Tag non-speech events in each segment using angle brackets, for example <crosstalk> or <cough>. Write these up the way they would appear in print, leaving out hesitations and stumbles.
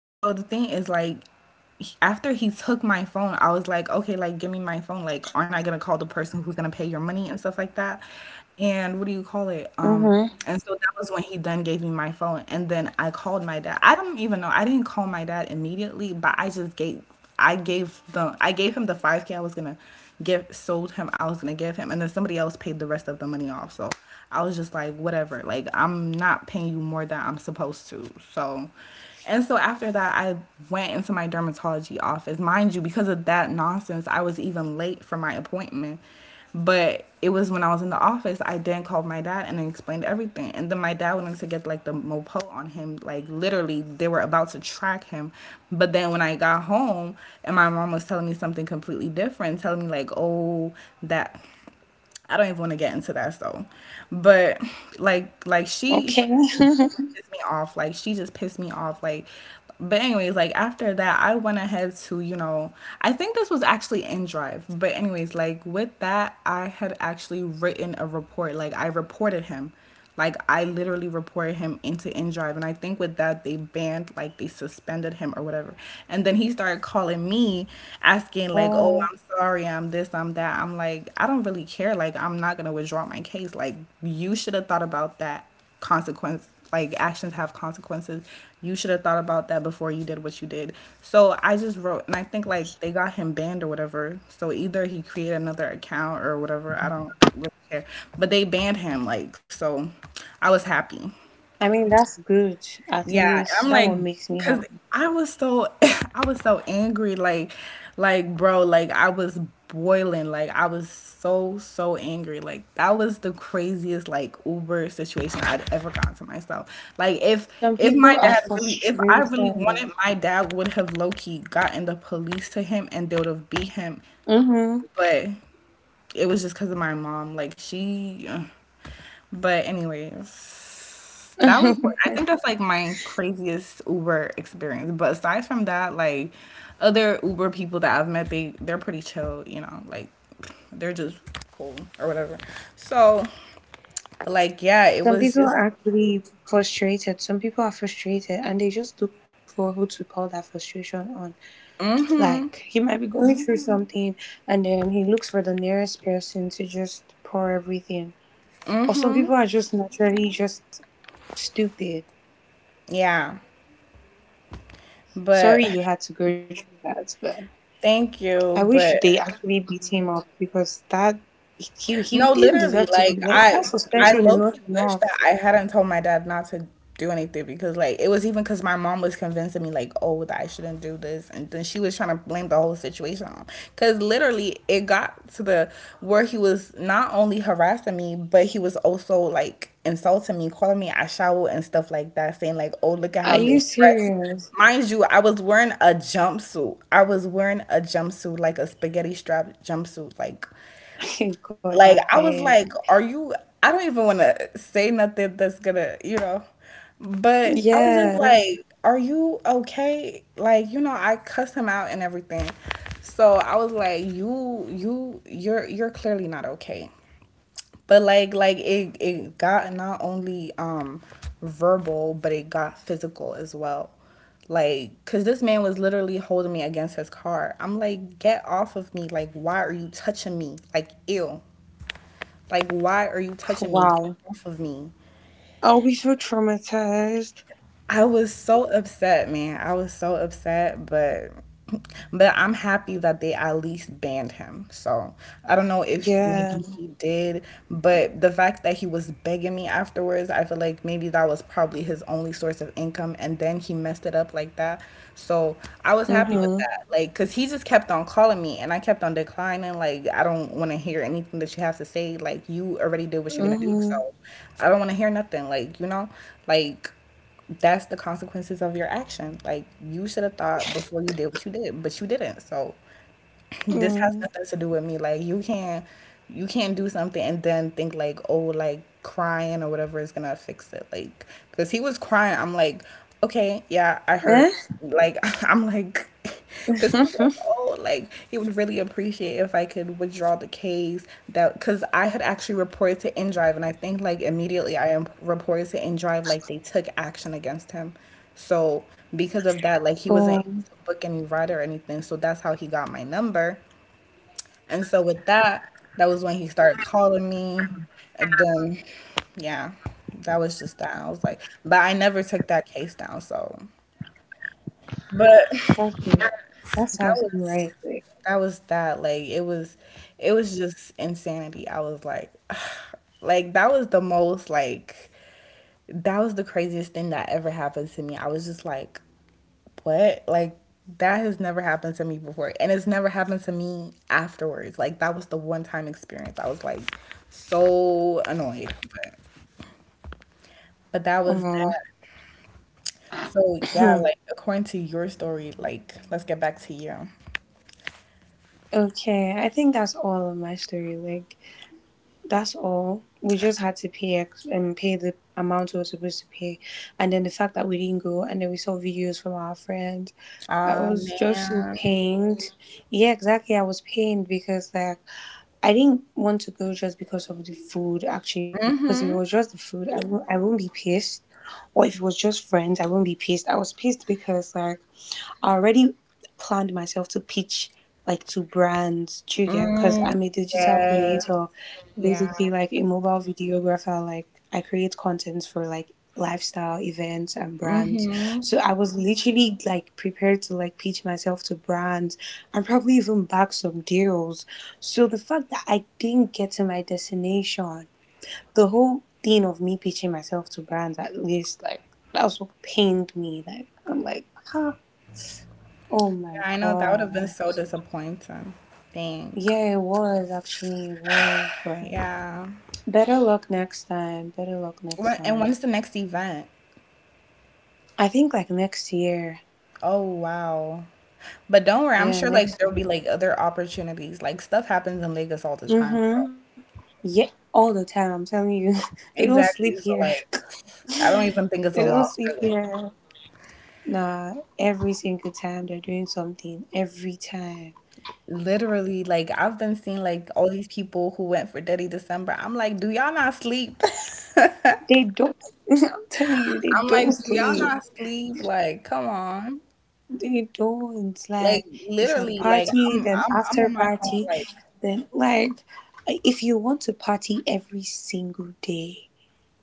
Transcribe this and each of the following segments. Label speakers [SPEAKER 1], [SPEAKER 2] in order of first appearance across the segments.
[SPEAKER 1] So the thing is like, after he took my phone, I was like, okay, like give me my phone. Like, aren't I gonna call the person who's gonna pay your money and stuff like that? And what do you call it?
[SPEAKER 2] Mm-hmm.
[SPEAKER 1] And so that was when he then gave me my phone, and then I called my dad. I don't even know. I didn't call my dad immediately, but I gave him the 5K I was gonna give sold him I was gonna give him, and then somebody else paid the rest of the money off. So I was just like, whatever. Like I'm not paying you more than I'm supposed to. So, and so after that, I went into my dermatology office. Mind you, because of that nonsense, I was even late for my appointment. But it was when I was in the office, I then called my dad and explained everything. And then my dad wanted to get like the mopo on him. Like literally, they were about to track him. But then when I got home and my mom was telling me something completely different, telling me like, oh, that I don't even want to get into that though. But like
[SPEAKER 2] Okay.
[SPEAKER 1] she, she pissed me off. Like she just pissed me off. Like but anyways, like after that I went ahead to, you know, I think this was actually in drive. But anyways, like with that I had actually written a report. Like I reported him. Like I literally reported him into InDrive and I think with that they banned like they suspended him or whatever. And then he started calling me
[SPEAKER 2] <laughs>
[SPEAKER 1] asking like,
[SPEAKER 2] oh,
[SPEAKER 1] "Oh, I'm sorry. I'm this, I'm that." I'm like, "I don't really care. Like I'm not going to withdraw my case. Like you should have thought about that consequence, like actions have consequences, you should have thought about that before you did what you did. So I just wrote and I think like they got him banned or whatever. So either he created another account or whatever, I don't really care, but they banned him like, so I was happy.
[SPEAKER 2] that's good. At
[SPEAKER 1] Yeah, and
[SPEAKER 2] least
[SPEAKER 1] I'm
[SPEAKER 2] that
[SPEAKER 1] like,
[SPEAKER 2] one makes me
[SPEAKER 1] cause
[SPEAKER 2] happy.
[SPEAKER 1] I was so <laughs> I was so angry, like bro, like I was boiling, like I was so so angry, like that was the craziest like Uber situation I'd ever gotten to myself. Like if
[SPEAKER 2] Some
[SPEAKER 1] if my
[SPEAKER 2] people are
[SPEAKER 1] dad really, if I really wanted,
[SPEAKER 2] frustrated.
[SPEAKER 1] my dad would have low key gotten the police to him and they would have beat him,
[SPEAKER 2] Mm-hmm.
[SPEAKER 1] but it was just because of my mom, like she. But anyways, that was what I
[SPEAKER 2] <laughs>
[SPEAKER 1] think that's like my craziest Uber experience. But aside from that, like other Uber people that I've met, they're pretty chill, you know, like they're just cool or whatever. So, like yeah, it
[SPEAKER 2] Some
[SPEAKER 1] was
[SPEAKER 2] people
[SPEAKER 1] just
[SPEAKER 2] are actually frustrated. Some people are frustrated and they just look for who to pour that frustration on. Like, he might be going through something and then he looks for the nearest person to just pour everything. Or some people are just naturally just stupid.
[SPEAKER 1] yeah. But
[SPEAKER 2] Sorry you had to go through that, but.
[SPEAKER 1] thank
[SPEAKER 2] I
[SPEAKER 1] you,
[SPEAKER 2] wish they
[SPEAKER 1] but
[SPEAKER 2] actually beat him up because that he
[SPEAKER 1] no,
[SPEAKER 2] didn't deserve
[SPEAKER 1] literally,
[SPEAKER 2] to be
[SPEAKER 1] like
[SPEAKER 2] like That
[SPEAKER 1] I
[SPEAKER 2] suspension is
[SPEAKER 1] low
[SPEAKER 2] not
[SPEAKER 1] key wish that
[SPEAKER 2] enough.
[SPEAKER 1] I hadn't told my dad not to do anything, because like it was even because my mom was convincing me like oh that I shouldn't do this, and then she was trying to blame the whole situation on, because literally it got to the where he was not only harassing me but he was also like insulting me, calling me a shower and stuff like that, saying like oh look at
[SPEAKER 2] Are
[SPEAKER 1] how you're
[SPEAKER 2] you
[SPEAKER 1] dressed.
[SPEAKER 2] serious?
[SPEAKER 1] Mind you I was wearing a jumpsuit, I was wearing a jumpsuit like a spaghetti strap jumpsuit like
[SPEAKER 2] <laughs> God, I
[SPEAKER 1] I was
[SPEAKER 2] beg.
[SPEAKER 1] like, are you, I don't even want to say nothing that's gonna, you know. But I was just
[SPEAKER 2] Yeah.
[SPEAKER 1] like, are you okay? Like, you know, I cussed him out and everything. So I was like, you you're clearly not okay. But like it got not only verbal, but it got physical as well. Like, cause this man was literally holding me against his car. I'm like, get off of me. Like, why are you touching me? Like, ew. Like, why are you touching me? Get
[SPEAKER 2] Wow.
[SPEAKER 1] off of me.
[SPEAKER 2] I'll be so traumatized.
[SPEAKER 1] I was so upset, man. I was so upset, but I'm happy that they at least banned him. So I don't know if maybe
[SPEAKER 2] Yeah.
[SPEAKER 1] he did, but the fact that he was begging me afterwards, I feel like maybe that was probably his only source of income. And then he messed it up like that. So I was happy with
[SPEAKER 2] Mhm.
[SPEAKER 1] that. Like, cause he just kept on calling me and I kept on declining. Like, I don't want to hear anything that you have to say. Like, you already did what you're going to do.
[SPEAKER 2] Mhm.
[SPEAKER 1] So I don't want to hear nothing. Like, you know, like, that's the consequences of your action. Like you should have thought before you did what you did, but you didn't. So <laughs> this has
[SPEAKER 2] Mm.
[SPEAKER 1] nothing to do with me. Like you can't, you can't do something and then think like, oh, like crying or whatever is gonna fix it. Like, cause he was crying. I'm like, okay, yeah, I heard.
[SPEAKER 2] Eh?
[SPEAKER 1] Like, <laughs> I'm like, <laughs> cause he was
[SPEAKER 2] <laughs>
[SPEAKER 1] like, oh, like he would really appreciate if I could withdraw the case, that, cause I had actually reported to InDrive and I think like immediately I am reported to InDrive like they took action against him. So because of
[SPEAKER 2] um.
[SPEAKER 1] that, like he wasn't book any ride or anything. So that's how he got my number. And so with that, that was when he started calling me. And then, yeah, that was just that. I was like, but I never took that case down. So, but
[SPEAKER 2] That's good.
[SPEAKER 1] yeah,
[SPEAKER 2] That
[SPEAKER 1] that
[SPEAKER 2] sounds
[SPEAKER 1] was
[SPEAKER 2] right.
[SPEAKER 1] that was that like it was just insanity. I was like <sighs> like that was the most like that was the craziest thing that ever happened to me. I was just like what? Like, that has never happened to me before. And it's never happened to me afterwards. Like, that was the one time experience. I was like so annoyed. But that was
[SPEAKER 2] Um.
[SPEAKER 1] that. So, yeah, like,
[SPEAKER 2] <laughs>
[SPEAKER 1] according to your story, like, let's get back to you.
[SPEAKER 2] <clears throat> Okay. I think that's all of my story. Like. That's all. We just had to pay ex- and pay the amount we were supposed to pay, and then the fact that we didn't go, and then we saw videos from our friends. I
[SPEAKER 1] Ah,
[SPEAKER 2] was just so
[SPEAKER 1] man.
[SPEAKER 2] pained. Yeah, exactly. I was pained because I didn't want to go just because of the food. Actually, because if
[SPEAKER 1] Mm
[SPEAKER 2] it was
[SPEAKER 1] hmm.
[SPEAKER 2] just the food, I won't be pissed. Or if it was just friends, I won't be pissed. I was pissed because like I already planned myself to pitch like to brands, do you get? Because
[SPEAKER 1] Mm,
[SPEAKER 2] I'm a digital
[SPEAKER 1] yes.
[SPEAKER 2] creator,
[SPEAKER 1] Yeah.
[SPEAKER 2] basically like a mobile videographer. Like I create contents for like lifestyle events and
[SPEAKER 1] Mm
[SPEAKER 2] brands.
[SPEAKER 1] hmm.
[SPEAKER 2] So I was literally like prepared to like pitch myself to brands and probably even back some deals. So the fact that I didn't get to my destination, the whole thing of me pitching myself to brands at least like that was what pained me. Ah, Oh
[SPEAKER 1] Yeah,
[SPEAKER 2] my
[SPEAKER 1] I know that would have been
[SPEAKER 2] god.
[SPEAKER 1] so disappointing. Dang.
[SPEAKER 2] Yeah, it was actually, it was, but
[SPEAKER 1] Yeah.
[SPEAKER 2] better luck next time. Better luck next
[SPEAKER 1] When, and
[SPEAKER 2] time.
[SPEAKER 1] when's the next event?
[SPEAKER 2] I think like next year.
[SPEAKER 1] Oh wow. But don't worry, I'm
[SPEAKER 2] Yeah,
[SPEAKER 1] sure
[SPEAKER 2] next
[SPEAKER 1] like there'll
[SPEAKER 2] year.
[SPEAKER 1] be like other opportunities. Like stuff happens in Lagos all the time. So
[SPEAKER 2] Mm-hmm. Yeah, all the time, I'm telling you. <laughs> They don't sleep
[SPEAKER 1] exactly.
[SPEAKER 2] here.
[SPEAKER 1] So
[SPEAKER 2] <laughs>
[SPEAKER 1] like I don't even
[SPEAKER 2] They
[SPEAKER 1] think
[SPEAKER 2] don't
[SPEAKER 1] it's a
[SPEAKER 2] sleep
[SPEAKER 1] loss really.
[SPEAKER 2] here. Nah, every single time they're doing something. Every time.
[SPEAKER 1] Literally, like I've been seeing like all these people who went for Dirty December. I'm like, do y'all not sleep? <laughs>
[SPEAKER 2] They don't, <laughs> I'm telling you, they
[SPEAKER 1] I'm like,
[SPEAKER 2] don't
[SPEAKER 1] do y'all
[SPEAKER 2] sleep.
[SPEAKER 1] not sleep? Like, come on.
[SPEAKER 2] They don't
[SPEAKER 1] Like
[SPEAKER 2] like it's like
[SPEAKER 1] literally, like
[SPEAKER 2] party,
[SPEAKER 1] I'm
[SPEAKER 2] then
[SPEAKER 1] I'm I'm
[SPEAKER 2] after
[SPEAKER 1] on my phone
[SPEAKER 2] party,
[SPEAKER 1] like,
[SPEAKER 2] then like, if you want to party every single day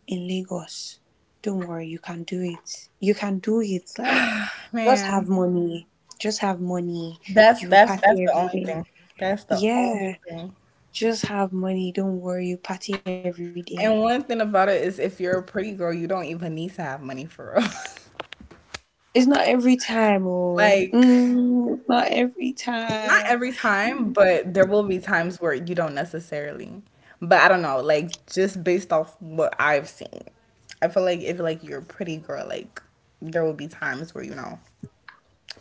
[SPEAKER 2] in Lagos, don't worry, you can do it. You can do it. Like just have
[SPEAKER 1] man,
[SPEAKER 2] money, just have money. You will
[SPEAKER 1] that's
[SPEAKER 2] party
[SPEAKER 1] the
[SPEAKER 2] every
[SPEAKER 1] only thing.
[SPEAKER 2] day.
[SPEAKER 1] That's the only
[SPEAKER 2] Yeah,
[SPEAKER 1] thing.
[SPEAKER 2] just have money. Don't worry, you party every day.
[SPEAKER 1] And one thing about it is if you're a pretty girl, you don't even need to have money for real.
[SPEAKER 2] It's not every time,
[SPEAKER 1] <laughs> Like,
[SPEAKER 2] it's not every
[SPEAKER 1] not
[SPEAKER 2] time.
[SPEAKER 1] every time, but there will be times where you don't necessarily. But I don't know, like just based off what I've seen. I feel like if like you're a pretty girl, like there will be times where, you know,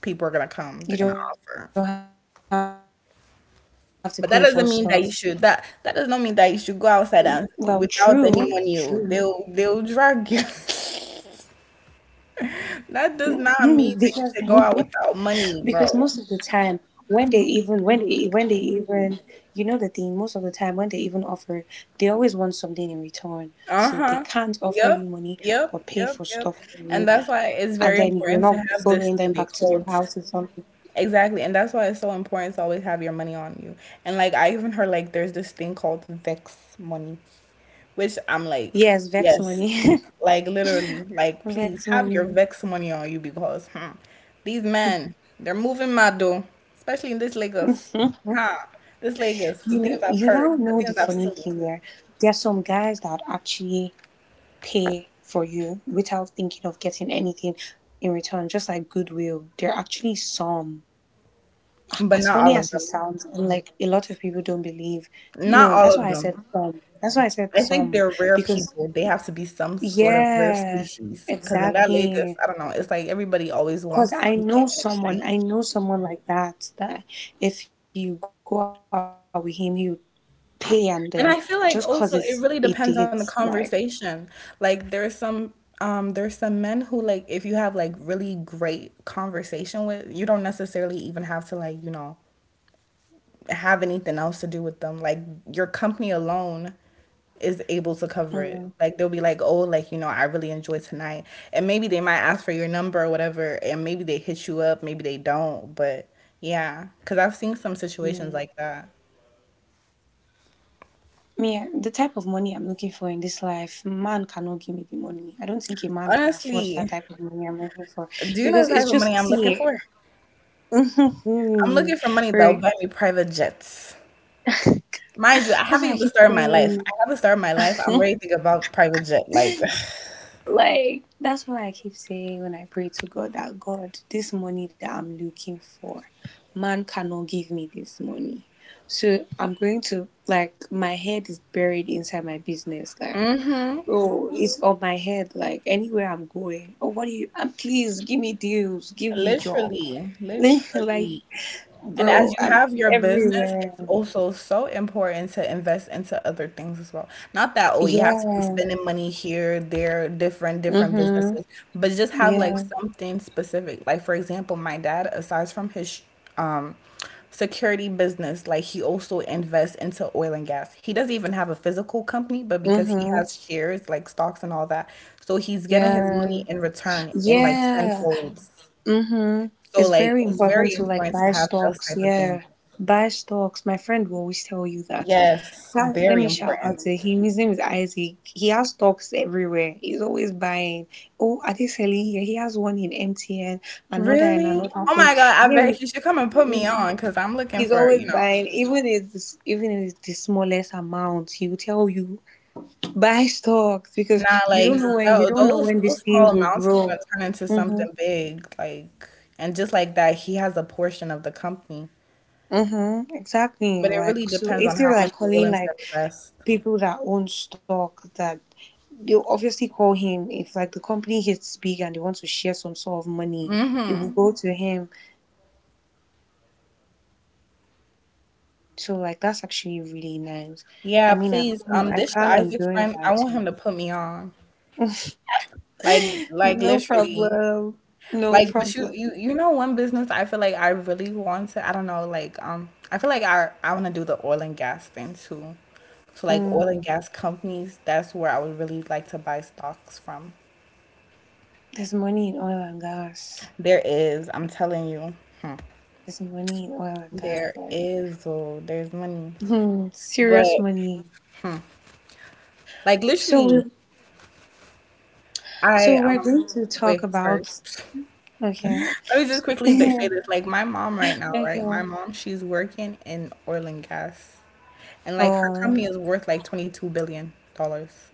[SPEAKER 1] people are gonna
[SPEAKER 2] You
[SPEAKER 1] come,
[SPEAKER 2] don't
[SPEAKER 1] they're
[SPEAKER 2] have
[SPEAKER 1] gonna
[SPEAKER 2] to pay for
[SPEAKER 1] offer.
[SPEAKER 2] stuff.
[SPEAKER 1] But that doesn't mean that you
[SPEAKER 2] Well,
[SPEAKER 1] should,
[SPEAKER 2] true,
[SPEAKER 1] that does not mean that you
[SPEAKER 2] true.
[SPEAKER 1] should go outside and without anyone you, they'll drag you.
[SPEAKER 2] Because
[SPEAKER 1] <laughs> That does not
[SPEAKER 2] <laughs>
[SPEAKER 1] mean
[SPEAKER 2] because
[SPEAKER 1] that you
[SPEAKER 2] most of
[SPEAKER 1] should
[SPEAKER 2] the
[SPEAKER 1] go out
[SPEAKER 2] time
[SPEAKER 1] without
[SPEAKER 2] when
[SPEAKER 1] money,
[SPEAKER 2] they
[SPEAKER 1] bro.
[SPEAKER 2] even when they even, you know, the thing most of the time when they even offer, they always want something in return, so they can't offer you
[SPEAKER 1] Uh-huh.
[SPEAKER 2] money or pay
[SPEAKER 1] Yep.
[SPEAKER 2] for stuff for you
[SPEAKER 1] Yep.
[SPEAKER 2] and
[SPEAKER 1] And
[SPEAKER 2] then
[SPEAKER 1] that's why
[SPEAKER 2] you're not
[SPEAKER 1] it's very
[SPEAKER 2] following
[SPEAKER 1] important
[SPEAKER 2] them
[SPEAKER 1] to
[SPEAKER 2] back to
[SPEAKER 1] have
[SPEAKER 2] their
[SPEAKER 1] this thing
[SPEAKER 2] house
[SPEAKER 1] they
[SPEAKER 2] or
[SPEAKER 1] called
[SPEAKER 2] something.
[SPEAKER 1] exactly. And that's why it's so important to always have your money on you. And like I even heard like there's this thing called Vex money, which I'm like,
[SPEAKER 2] Yes, vex
[SPEAKER 1] yes.
[SPEAKER 2] money.
[SPEAKER 1] Like literally, like
[SPEAKER 2] <laughs>
[SPEAKER 1] please
[SPEAKER 2] Vex
[SPEAKER 1] have your
[SPEAKER 2] money.
[SPEAKER 1] Vex money on you because hmm, these men, they're moving mad though. Especially in this Lagos. Ha. This Lagos, the
[SPEAKER 2] You
[SPEAKER 1] things
[SPEAKER 2] know,
[SPEAKER 1] I've
[SPEAKER 2] you
[SPEAKER 1] heard,
[SPEAKER 2] now
[SPEAKER 1] the
[SPEAKER 2] know
[SPEAKER 1] things
[SPEAKER 2] the
[SPEAKER 1] I've
[SPEAKER 2] funny
[SPEAKER 1] seen.
[SPEAKER 2] thing there: there are some guys that actually pay for you without thinking of getting anything in return, just like goodwill. There are actually some.
[SPEAKER 1] But
[SPEAKER 2] As
[SPEAKER 1] not all
[SPEAKER 2] funny
[SPEAKER 1] of
[SPEAKER 2] as it
[SPEAKER 1] them.
[SPEAKER 2] sounds, and like a lot of people don't believe.
[SPEAKER 1] Not
[SPEAKER 2] No,
[SPEAKER 1] all
[SPEAKER 2] that's
[SPEAKER 1] of
[SPEAKER 2] why I
[SPEAKER 1] them.
[SPEAKER 2] said some. That's why I said
[SPEAKER 1] I think
[SPEAKER 2] some.
[SPEAKER 1] they're rare
[SPEAKER 2] Because,
[SPEAKER 1] people. They have to be some sort of rare
[SPEAKER 2] yeah,
[SPEAKER 1] species. Because in that Lagos,
[SPEAKER 2] exactly.
[SPEAKER 1] I don't know, it's like everybody always
[SPEAKER 2] Because
[SPEAKER 1] wants something in exchange.
[SPEAKER 2] I know someone like that, that if you go out with him, he would pay and then just because
[SPEAKER 1] And
[SPEAKER 2] it's
[SPEAKER 1] I feel
[SPEAKER 2] a
[SPEAKER 1] like
[SPEAKER 2] date,
[SPEAKER 1] also it really
[SPEAKER 2] like,
[SPEAKER 1] depends on the conversation. Like there's some men who like if you have like really great conversation with, you don't necessarily even have to like, you know, have anything else to do with them. Like your company alone is able to cover
[SPEAKER 2] mm,
[SPEAKER 1] it. Like they'll be like, "Oh, like you know, I really enjoy tonight," and maybe they might ask for your number or whatever, and maybe they hit you up, maybe they don't, but yeah, because I've seen some
[SPEAKER 2] mm.
[SPEAKER 1] situations like that.
[SPEAKER 2] Me, the type of money I'm looking for in this life, man cannot give me the money. I don't think a man can afford that
[SPEAKER 1] Honestly,
[SPEAKER 2] type of money I'm looking for
[SPEAKER 1] do you
[SPEAKER 2] because
[SPEAKER 1] know the
[SPEAKER 2] it's
[SPEAKER 1] type of
[SPEAKER 2] just
[SPEAKER 1] money I'm looking
[SPEAKER 2] see,
[SPEAKER 1] for?
[SPEAKER 2] <laughs>
[SPEAKER 1] I'm
[SPEAKER 2] right?
[SPEAKER 1] looking for money that'll buy me private jets. Mind you, I
[SPEAKER 2] That's
[SPEAKER 1] haven't
[SPEAKER 2] why I
[SPEAKER 1] even
[SPEAKER 2] keep
[SPEAKER 1] started my life. I
[SPEAKER 2] saying.
[SPEAKER 1] haven't started my life. I'm ready to think about private jet. Like,
[SPEAKER 2] Like that's why I keep saying when I pray to God that God, this money that I'm looking for, man cannot give me this money. So I'm going to like my head is buried inside my business, like. Bro, it's on my head. Like anywhere I'm going, oh, what do you? Please give me deals,
[SPEAKER 1] <sighs> <laughs>
[SPEAKER 2] give me job.
[SPEAKER 1] literally,
[SPEAKER 2] <laughs> Like,
[SPEAKER 1] literally. And
[SPEAKER 2] bro,
[SPEAKER 1] as you
[SPEAKER 2] I'm
[SPEAKER 1] have your business, it's
[SPEAKER 2] everywhere.
[SPEAKER 1] also so important to invest into other things as well. Not that, oh, you have to be
[SPEAKER 2] Yeah.
[SPEAKER 1] spending money here, there, different, different
[SPEAKER 2] Mhm.
[SPEAKER 1] businesses, but just have like
[SPEAKER 2] Yeah.
[SPEAKER 1] something specific. Like, for example, my dad, aside from his um, security business, like he also invests into oil and gas. He doesn't even have a physical company, but because he
[SPEAKER 2] Mhm.
[SPEAKER 1] has shares, like stocks and all that, so he's getting his
[SPEAKER 2] Yeah.
[SPEAKER 1] money in return in like
[SPEAKER 2] Yeah.
[SPEAKER 1] tenfolds.
[SPEAKER 2] Mm-hmm.
[SPEAKER 1] So
[SPEAKER 2] It's
[SPEAKER 1] like
[SPEAKER 2] very
[SPEAKER 1] it's
[SPEAKER 2] important
[SPEAKER 1] very
[SPEAKER 2] to like
[SPEAKER 1] important to
[SPEAKER 2] buy
[SPEAKER 1] have those
[SPEAKER 2] stocks.
[SPEAKER 1] type of things.
[SPEAKER 2] Yeah. Buy stocks. My friend will always tell you that.
[SPEAKER 1] Yes,
[SPEAKER 2] That- let
[SPEAKER 1] very
[SPEAKER 2] me shout
[SPEAKER 1] important.
[SPEAKER 2] out to him. His name is Isaac. He has stocks everywhere. He's always buying. Oh, are they selling here? He has one in MTN, another in
[SPEAKER 1] Really?
[SPEAKER 2] another
[SPEAKER 1] Oh my
[SPEAKER 2] place.
[SPEAKER 1] God, I
[SPEAKER 2] Yeah.
[SPEAKER 1] bet you should come and put me
[SPEAKER 2] He's
[SPEAKER 1] on because I'm looking
[SPEAKER 2] he's
[SPEAKER 1] for,
[SPEAKER 2] always buying. Even if it's the smallest amount, he will tell you buy stocks because
[SPEAKER 1] not like
[SPEAKER 2] you
[SPEAKER 1] tho-
[SPEAKER 2] don't know
[SPEAKER 1] those
[SPEAKER 2] when these
[SPEAKER 1] those small
[SPEAKER 2] things will
[SPEAKER 1] amounts is
[SPEAKER 2] grow.
[SPEAKER 1] gonna turn into
[SPEAKER 2] Mm-hmm.
[SPEAKER 1] something big, like and just like that, he has a portion of the company.
[SPEAKER 2] Mm-hmm, exactly.
[SPEAKER 1] But it really
[SPEAKER 2] Like, so
[SPEAKER 1] depends
[SPEAKER 2] if
[SPEAKER 1] on
[SPEAKER 2] they're
[SPEAKER 1] how much
[SPEAKER 2] like
[SPEAKER 1] you're
[SPEAKER 2] calling
[SPEAKER 1] willing to
[SPEAKER 2] like
[SPEAKER 1] invest.
[SPEAKER 2] people that own stock, that they'll obviously call him. If like the company hits big and they want to share some sort of money, it will
[SPEAKER 1] Mm-hmm.
[SPEAKER 2] go to him. So like that's actually really nice. I
[SPEAKER 1] Yeah,
[SPEAKER 2] mean,
[SPEAKER 1] please.
[SPEAKER 2] I
[SPEAKER 1] This your
[SPEAKER 2] plan on
[SPEAKER 1] Isaac
[SPEAKER 2] doing
[SPEAKER 1] friend.
[SPEAKER 2] that
[SPEAKER 1] I want
[SPEAKER 2] too.
[SPEAKER 1] him to put me on. Like
[SPEAKER 2] No
[SPEAKER 1] literally.
[SPEAKER 2] problem. No
[SPEAKER 1] Like, but
[SPEAKER 2] problem.
[SPEAKER 1] you know, one business I feel like I really want to. I don't know, like, I feel like I want to do the oil and gas thing too. So like oil and
[SPEAKER 2] Mm,
[SPEAKER 1] gas companies, that's where I would really like to buy stocks from.
[SPEAKER 2] there's money in oil and gas.
[SPEAKER 1] There is, I'm telling you, hmm,
[SPEAKER 2] There's money in oil and gas,
[SPEAKER 1] there
[SPEAKER 2] right?
[SPEAKER 1] is, oh, there's money.
[SPEAKER 2] Hmm, <laughs>
[SPEAKER 1] But
[SPEAKER 2] serious money.
[SPEAKER 1] like
[SPEAKER 2] So we
[SPEAKER 1] literally, I
[SPEAKER 2] So we're going to talk
[SPEAKER 1] wait, sorry.
[SPEAKER 2] about okay.
[SPEAKER 1] Let me just
[SPEAKER 2] <laughs>
[SPEAKER 1] quickly say
[SPEAKER 2] Okay.
[SPEAKER 1] this. Like my mom right now, right? My mom, she's working in oil and gas. And like her
[SPEAKER 2] Oh
[SPEAKER 1] company is worth like 22 billion dollars.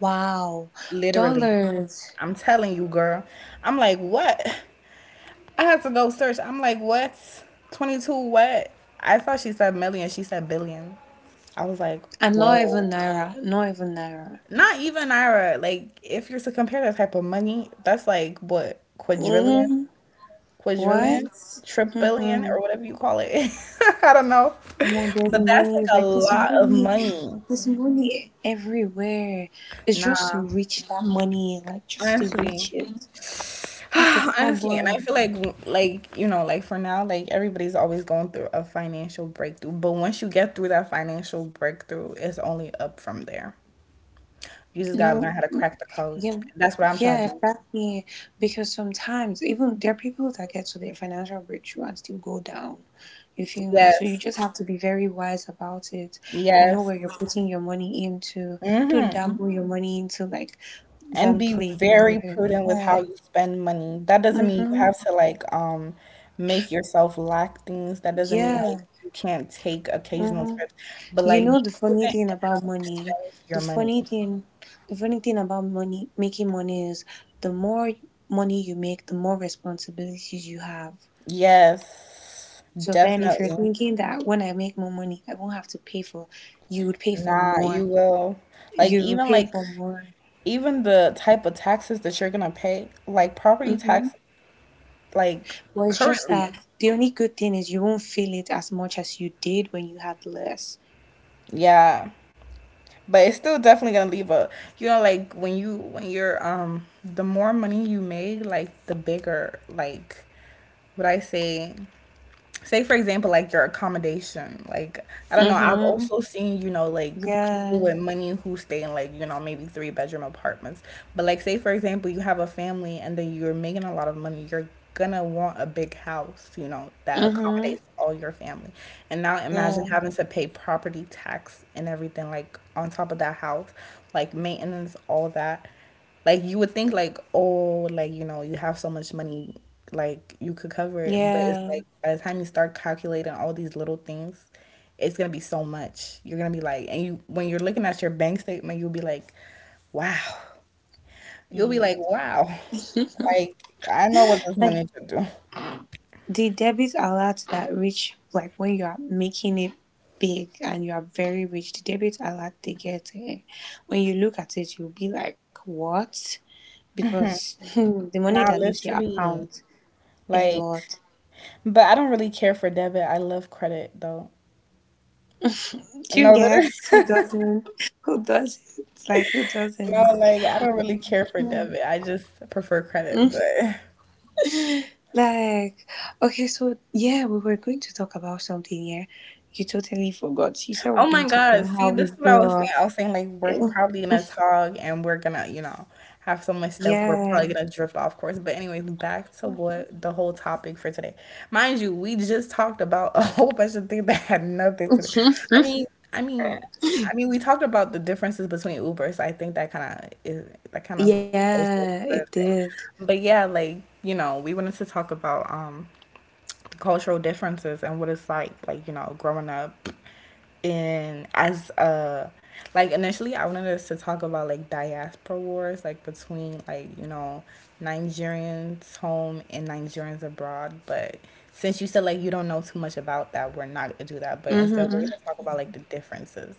[SPEAKER 2] wow.
[SPEAKER 1] Literally.
[SPEAKER 2] Dollars.
[SPEAKER 1] I'm telling you, girl. I'm like, "What?" I had to go search. I'm like, "What? 22 what?" I thought she said million, she said billion. I was like,
[SPEAKER 2] And not
[SPEAKER 1] "Whoa."
[SPEAKER 2] even naira. Not even naira.
[SPEAKER 1] Not even Ira. Like if you're to compare that type of money, that's like what quadrillion,
[SPEAKER 2] Mm,
[SPEAKER 1] quadrillion,
[SPEAKER 2] what?
[SPEAKER 1] trillion
[SPEAKER 2] Mm-hmm.
[SPEAKER 1] or whatever you call it. <laughs> I don't know.
[SPEAKER 2] Oh, there's
[SPEAKER 1] But
[SPEAKER 2] money,
[SPEAKER 1] that's like
[SPEAKER 2] like
[SPEAKER 1] a
[SPEAKER 2] there's
[SPEAKER 1] lot of
[SPEAKER 2] money.
[SPEAKER 1] money.
[SPEAKER 2] There's money everywhere. It's just
[SPEAKER 1] Nah,
[SPEAKER 2] to reach that money, like just to
[SPEAKER 1] honestly,
[SPEAKER 2] reach it. That's the
[SPEAKER 1] <sighs> honestly, and I
[SPEAKER 2] problem.
[SPEAKER 1] feel like like for now, like everybody's always going through a financial breakthrough, but once you get through that financial breakthrough, it's only up from there. You just gotta
[SPEAKER 2] No,
[SPEAKER 1] learn how to crack the code.
[SPEAKER 2] yeah,
[SPEAKER 1] That's what I'm trying
[SPEAKER 2] yeah,
[SPEAKER 1] to do.
[SPEAKER 2] exactly. Because sometimes even there are people that get to their financial breakthrough and still go down. You feel me? So you
[SPEAKER 1] Yes.
[SPEAKER 2] just have to be very wise about it. Know
[SPEAKER 1] Yes.
[SPEAKER 2] where you're putting your money into. Don't
[SPEAKER 1] Hmm.
[SPEAKER 2] Mhm. dabble your money into like
[SPEAKER 1] And
[SPEAKER 2] wrong
[SPEAKER 1] be
[SPEAKER 2] place and
[SPEAKER 1] very
[SPEAKER 2] everything.
[SPEAKER 1] prudent with how
[SPEAKER 2] Yeah.
[SPEAKER 1] you spend money. That doesn't mean you have
[SPEAKER 2] Mm-hmm.
[SPEAKER 1] to like make yourself lack things. That doesn't mean like
[SPEAKER 2] Yeah.
[SPEAKER 1] you can't take occasional trips,
[SPEAKER 2] Mm-hmm.
[SPEAKER 1] but
[SPEAKER 2] You
[SPEAKER 1] like
[SPEAKER 2] know
[SPEAKER 1] be
[SPEAKER 2] the funny
[SPEAKER 1] prudent
[SPEAKER 2] thing
[SPEAKER 1] in how
[SPEAKER 2] about
[SPEAKER 1] you
[SPEAKER 2] money.
[SPEAKER 1] spend your
[SPEAKER 2] The
[SPEAKER 1] money.
[SPEAKER 2] funny thing, the funny thing about money, making money is the more money you make, the more responsibilities you have.
[SPEAKER 1] Yes,
[SPEAKER 2] So then if you're
[SPEAKER 1] definitely.
[SPEAKER 2] thinking that when I make more money, I won't have to pay for, you would pay for
[SPEAKER 1] Nah, you
[SPEAKER 2] more.
[SPEAKER 1] will.
[SPEAKER 2] You would pay
[SPEAKER 1] Like
[SPEAKER 2] for more.
[SPEAKER 1] even the type of taxes that you're gonna pay, like property
[SPEAKER 2] hmm.
[SPEAKER 1] tax, like
[SPEAKER 2] Well, it's just
[SPEAKER 1] currently,
[SPEAKER 2] that the only good thing is you won't feel it as much as you did when you had less.
[SPEAKER 1] yeah. But it's still definitely gonna leave a, you know, like when you're the more money you make, like the bigger like what I say say for example like your accommodation like I don't know, I've
[SPEAKER 2] Mm-hmm.
[SPEAKER 1] also seen, you know, like
[SPEAKER 2] Yeah.
[SPEAKER 1] people with money who stay in like, you know, maybe three-bedroom apartments, but like say for example you have a family and then you're making a lot of money, you're gonna want a big house, you know, that accommodates
[SPEAKER 2] Mm-hmm.
[SPEAKER 1] all your family, and now imagine
[SPEAKER 2] Yeah.
[SPEAKER 1] having to pay property tax and everything like on top of that house, like maintenance, all that. Like you would think like, oh, like, you know, you have so much money, like you could cover it. But
[SPEAKER 2] Yeah.
[SPEAKER 1] it's like by the time you start calculating all these little things, it's gonna be so much. You're gonna be like and you're looking at your bank statement, you'll be like, wow. You'll be
[SPEAKER 2] Mm.
[SPEAKER 1] like, wow. Like, I know what this
[SPEAKER 2] Like
[SPEAKER 1] money should do.
[SPEAKER 2] the debits are allowed to that rich, like when you are making it big and you are very rich, the debits are allowed to get it. When you look at it, you'll be like, what? Because <laughs> the money that
[SPEAKER 1] Not
[SPEAKER 2] leaves your
[SPEAKER 1] literally.
[SPEAKER 2] account is a
[SPEAKER 1] Like,
[SPEAKER 2] lot.
[SPEAKER 1] but I don't really care for debit. I love credit though.
[SPEAKER 2] Do you
[SPEAKER 1] No, literally.
[SPEAKER 2] get
[SPEAKER 1] <laughs>
[SPEAKER 2] who doesn't? <laughs> Who doesn't?
[SPEAKER 1] No, like I don't really care for debit. I just prefer
[SPEAKER 2] Mm.
[SPEAKER 1] credit, but
[SPEAKER 2] Like okay, so yeah, we were going to talk about something here. You totally forgot. You said we
[SPEAKER 1] oh
[SPEAKER 2] are going
[SPEAKER 1] my
[SPEAKER 2] to talk
[SPEAKER 1] God.
[SPEAKER 2] about how
[SPEAKER 1] See,
[SPEAKER 2] we
[SPEAKER 1] this is what I
[SPEAKER 2] grew
[SPEAKER 1] was saying.
[SPEAKER 2] up.
[SPEAKER 1] I was saying like we're
[SPEAKER 2] Mm.
[SPEAKER 1] probably gonna talk and we're gonna, you know, have so much stuff. We're probably
[SPEAKER 2] Yeah,
[SPEAKER 1] gonna drift off course. But anyways, back to what the whole topic for today. Mind you, we just talked about a <laughs> whole bunch of things that had nothing to do.
[SPEAKER 2] <laughs>
[SPEAKER 1] I mean, I mean, we talked about the differences between Ubers. I think that kind of is that kind of also
[SPEAKER 2] yeah,
[SPEAKER 1] is
[SPEAKER 2] it
[SPEAKER 1] part of it.
[SPEAKER 2] did.
[SPEAKER 1] But yeah, like, you know, we wanted to talk about cultural differences and what it's like, you know, growing up in as a like initially I wanted us to talk about like diaspora wars, like between like, you know, Nigerians home and Nigerians abroad, but since you said like you don't know too much about that, we're not gonna do that. But instead we're
[SPEAKER 2] Mm-hmm.
[SPEAKER 1] gonna talk about like the differences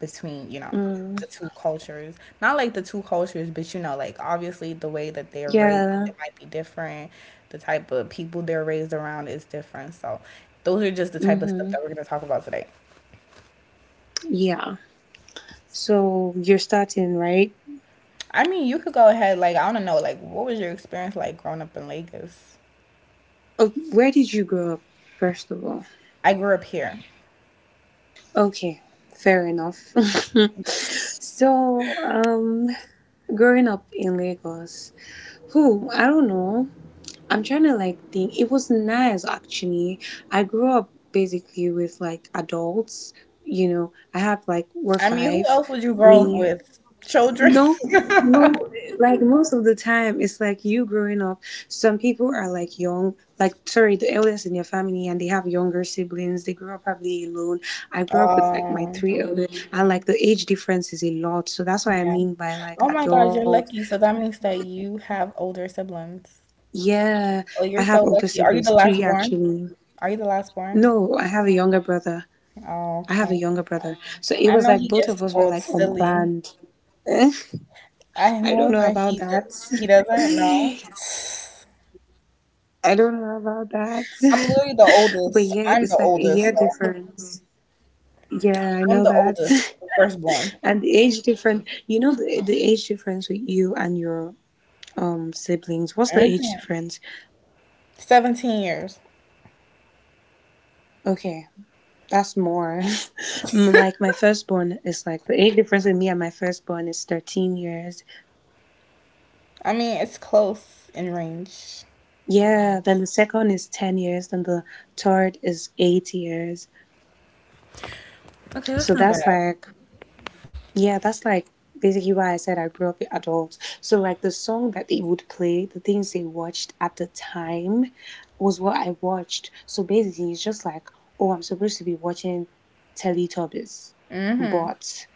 [SPEAKER 1] between, you know,
[SPEAKER 2] Mm.
[SPEAKER 1] the two cultures, not like the two cultures, but you know like obviously the way that they're raised
[SPEAKER 2] Yeah.
[SPEAKER 1] it might be different, the type of people they're raised around is different, so those are just the type of stuff
[SPEAKER 2] Mm-hmm.
[SPEAKER 1] that we're going to talk about today.
[SPEAKER 2] Yeah. So you're starting right.
[SPEAKER 1] I mean, you could go ahead. Like, I want to know, like, what was your experience like growing up in Lagos?
[SPEAKER 2] Oh, where did you grow up, first of all?
[SPEAKER 1] I grew up here.
[SPEAKER 2] Okay, fair enough. <laughs> So growing up in Lagos, who I don't know. I'm trying to like think. It was nice actually. I grew up basically with like adults. You know, I have like we're
[SPEAKER 1] I mean, who
[SPEAKER 2] five.
[SPEAKER 1] else would you grow up
[SPEAKER 2] Me,
[SPEAKER 1] with, children?
[SPEAKER 2] no,
[SPEAKER 1] <laughs>
[SPEAKER 2] No, like most of the time, it's like you growing up. Some people are like young, like sorry, the eldest in your family, and they have younger siblings. They grew up probably alone. I grew up with like my
[SPEAKER 1] um
[SPEAKER 2] three eldest, and like the age difference is a lot. So that's what I
[SPEAKER 1] yeah.
[SPEAKER 2] mean by like
[SPEAKER 1] Oh my God, you're
[SPEAKER 2] adult.
[SPEAKER 1] lucky, so that means that you have older siblings.
[SPEAKER 2] Yeah, I
[SPEAKER 1] Oh,
[SPEAKER 2] have
[SPEAKER 1] you're so
[SPEAKER 2] older
[SPEAKER 1] lucky,
[SPEAKER 2] siblings,
[SPEAKER 1] are you the
[SPEAKER 2] three
[SPEAKER 1] last born?
[SPEAKER 2] actually.
[SPEAKER 1] Are you the last born?
[SPEAKER 2] No, I have a younger brother.
[SPEAKER 1] Oh,
[SPEAKER 2] I have
[SPEAKER 1] okay.
[SPEAKER 2] a younger brother. So it
[SPEAKER 1] I
[SPEAKER 2] was
[SPEAKER 1] know
[SPEAKER 2] like
[SPEAKER 1] he
[SPEAKER 2] both
[SPEAKER 1] gets
[SPEAKER 2] of us were
[SPEAKER 1] spoiled
[SPEAKER 2] like
[SPEAKER 1] silly.
[SPEAKER 2] unplanned. <laughs>
[SPEAKER 1] I know
[SPEAKER 2] I don't
[SPEAKER 1] that
[SPEAKER 2] know
[SPEAKER 1] he d
[SPEAKER 2] about that.
[SPEAKER 1] he doesn't know.
[SPEAKER 2] <laughs> I don't know about that.
[SPEAKER 1] I'm literally the
[SPEAKER 2] <laughs> But yeah,
[SPEAKER 1] oldest.
[SPEAKER 2] it's
[SPEAKER 1] I'm the
[SPEAKER 2] like a year
[SPEAKER 1] oldest, so
[SPEAKER 2] difference. Yeah, I
[SPEAKER 1] I'm
[SPEAKER 2] know
[SPEAKER 1] the
[SPEAKER 2] that.
[SPEAKER 1] oldest,
[SPEAKER 2] <laughs>
[SPEAKER 1] the firstborn.
[SPEAKER 2] And the age difference, you know the age difference with you and your siblings. What's the
[SPEAKER 1] Hmm.
[SPEAKER 2] age difference?
[SPEAKER 1] 17 years.
[SPEAKER 2] Okay, that's more. <laughs> Mm, like my firstborn is like the age difference with me and my firstborn is 13 years.
[SPEAKER 1] I mean, it's close in range.
[SPEAKER 2] Yeah, then the second is 10 years, then the third is 8 years.
[SPEAKER 1] Okay, that's
[SPEAKER 2] So
[SPEAKER 1] not bad.
[SPEAKER 2] that's like yeah, that's like basically why I said I grew up with adults. So like the song that they would play, the things they watched at the time was what I watched. So basically it's just like, oh, I'm supposed to be watching Teletubbies,
[SPEAKER 1] Hmm.
[SPEAKER 2] but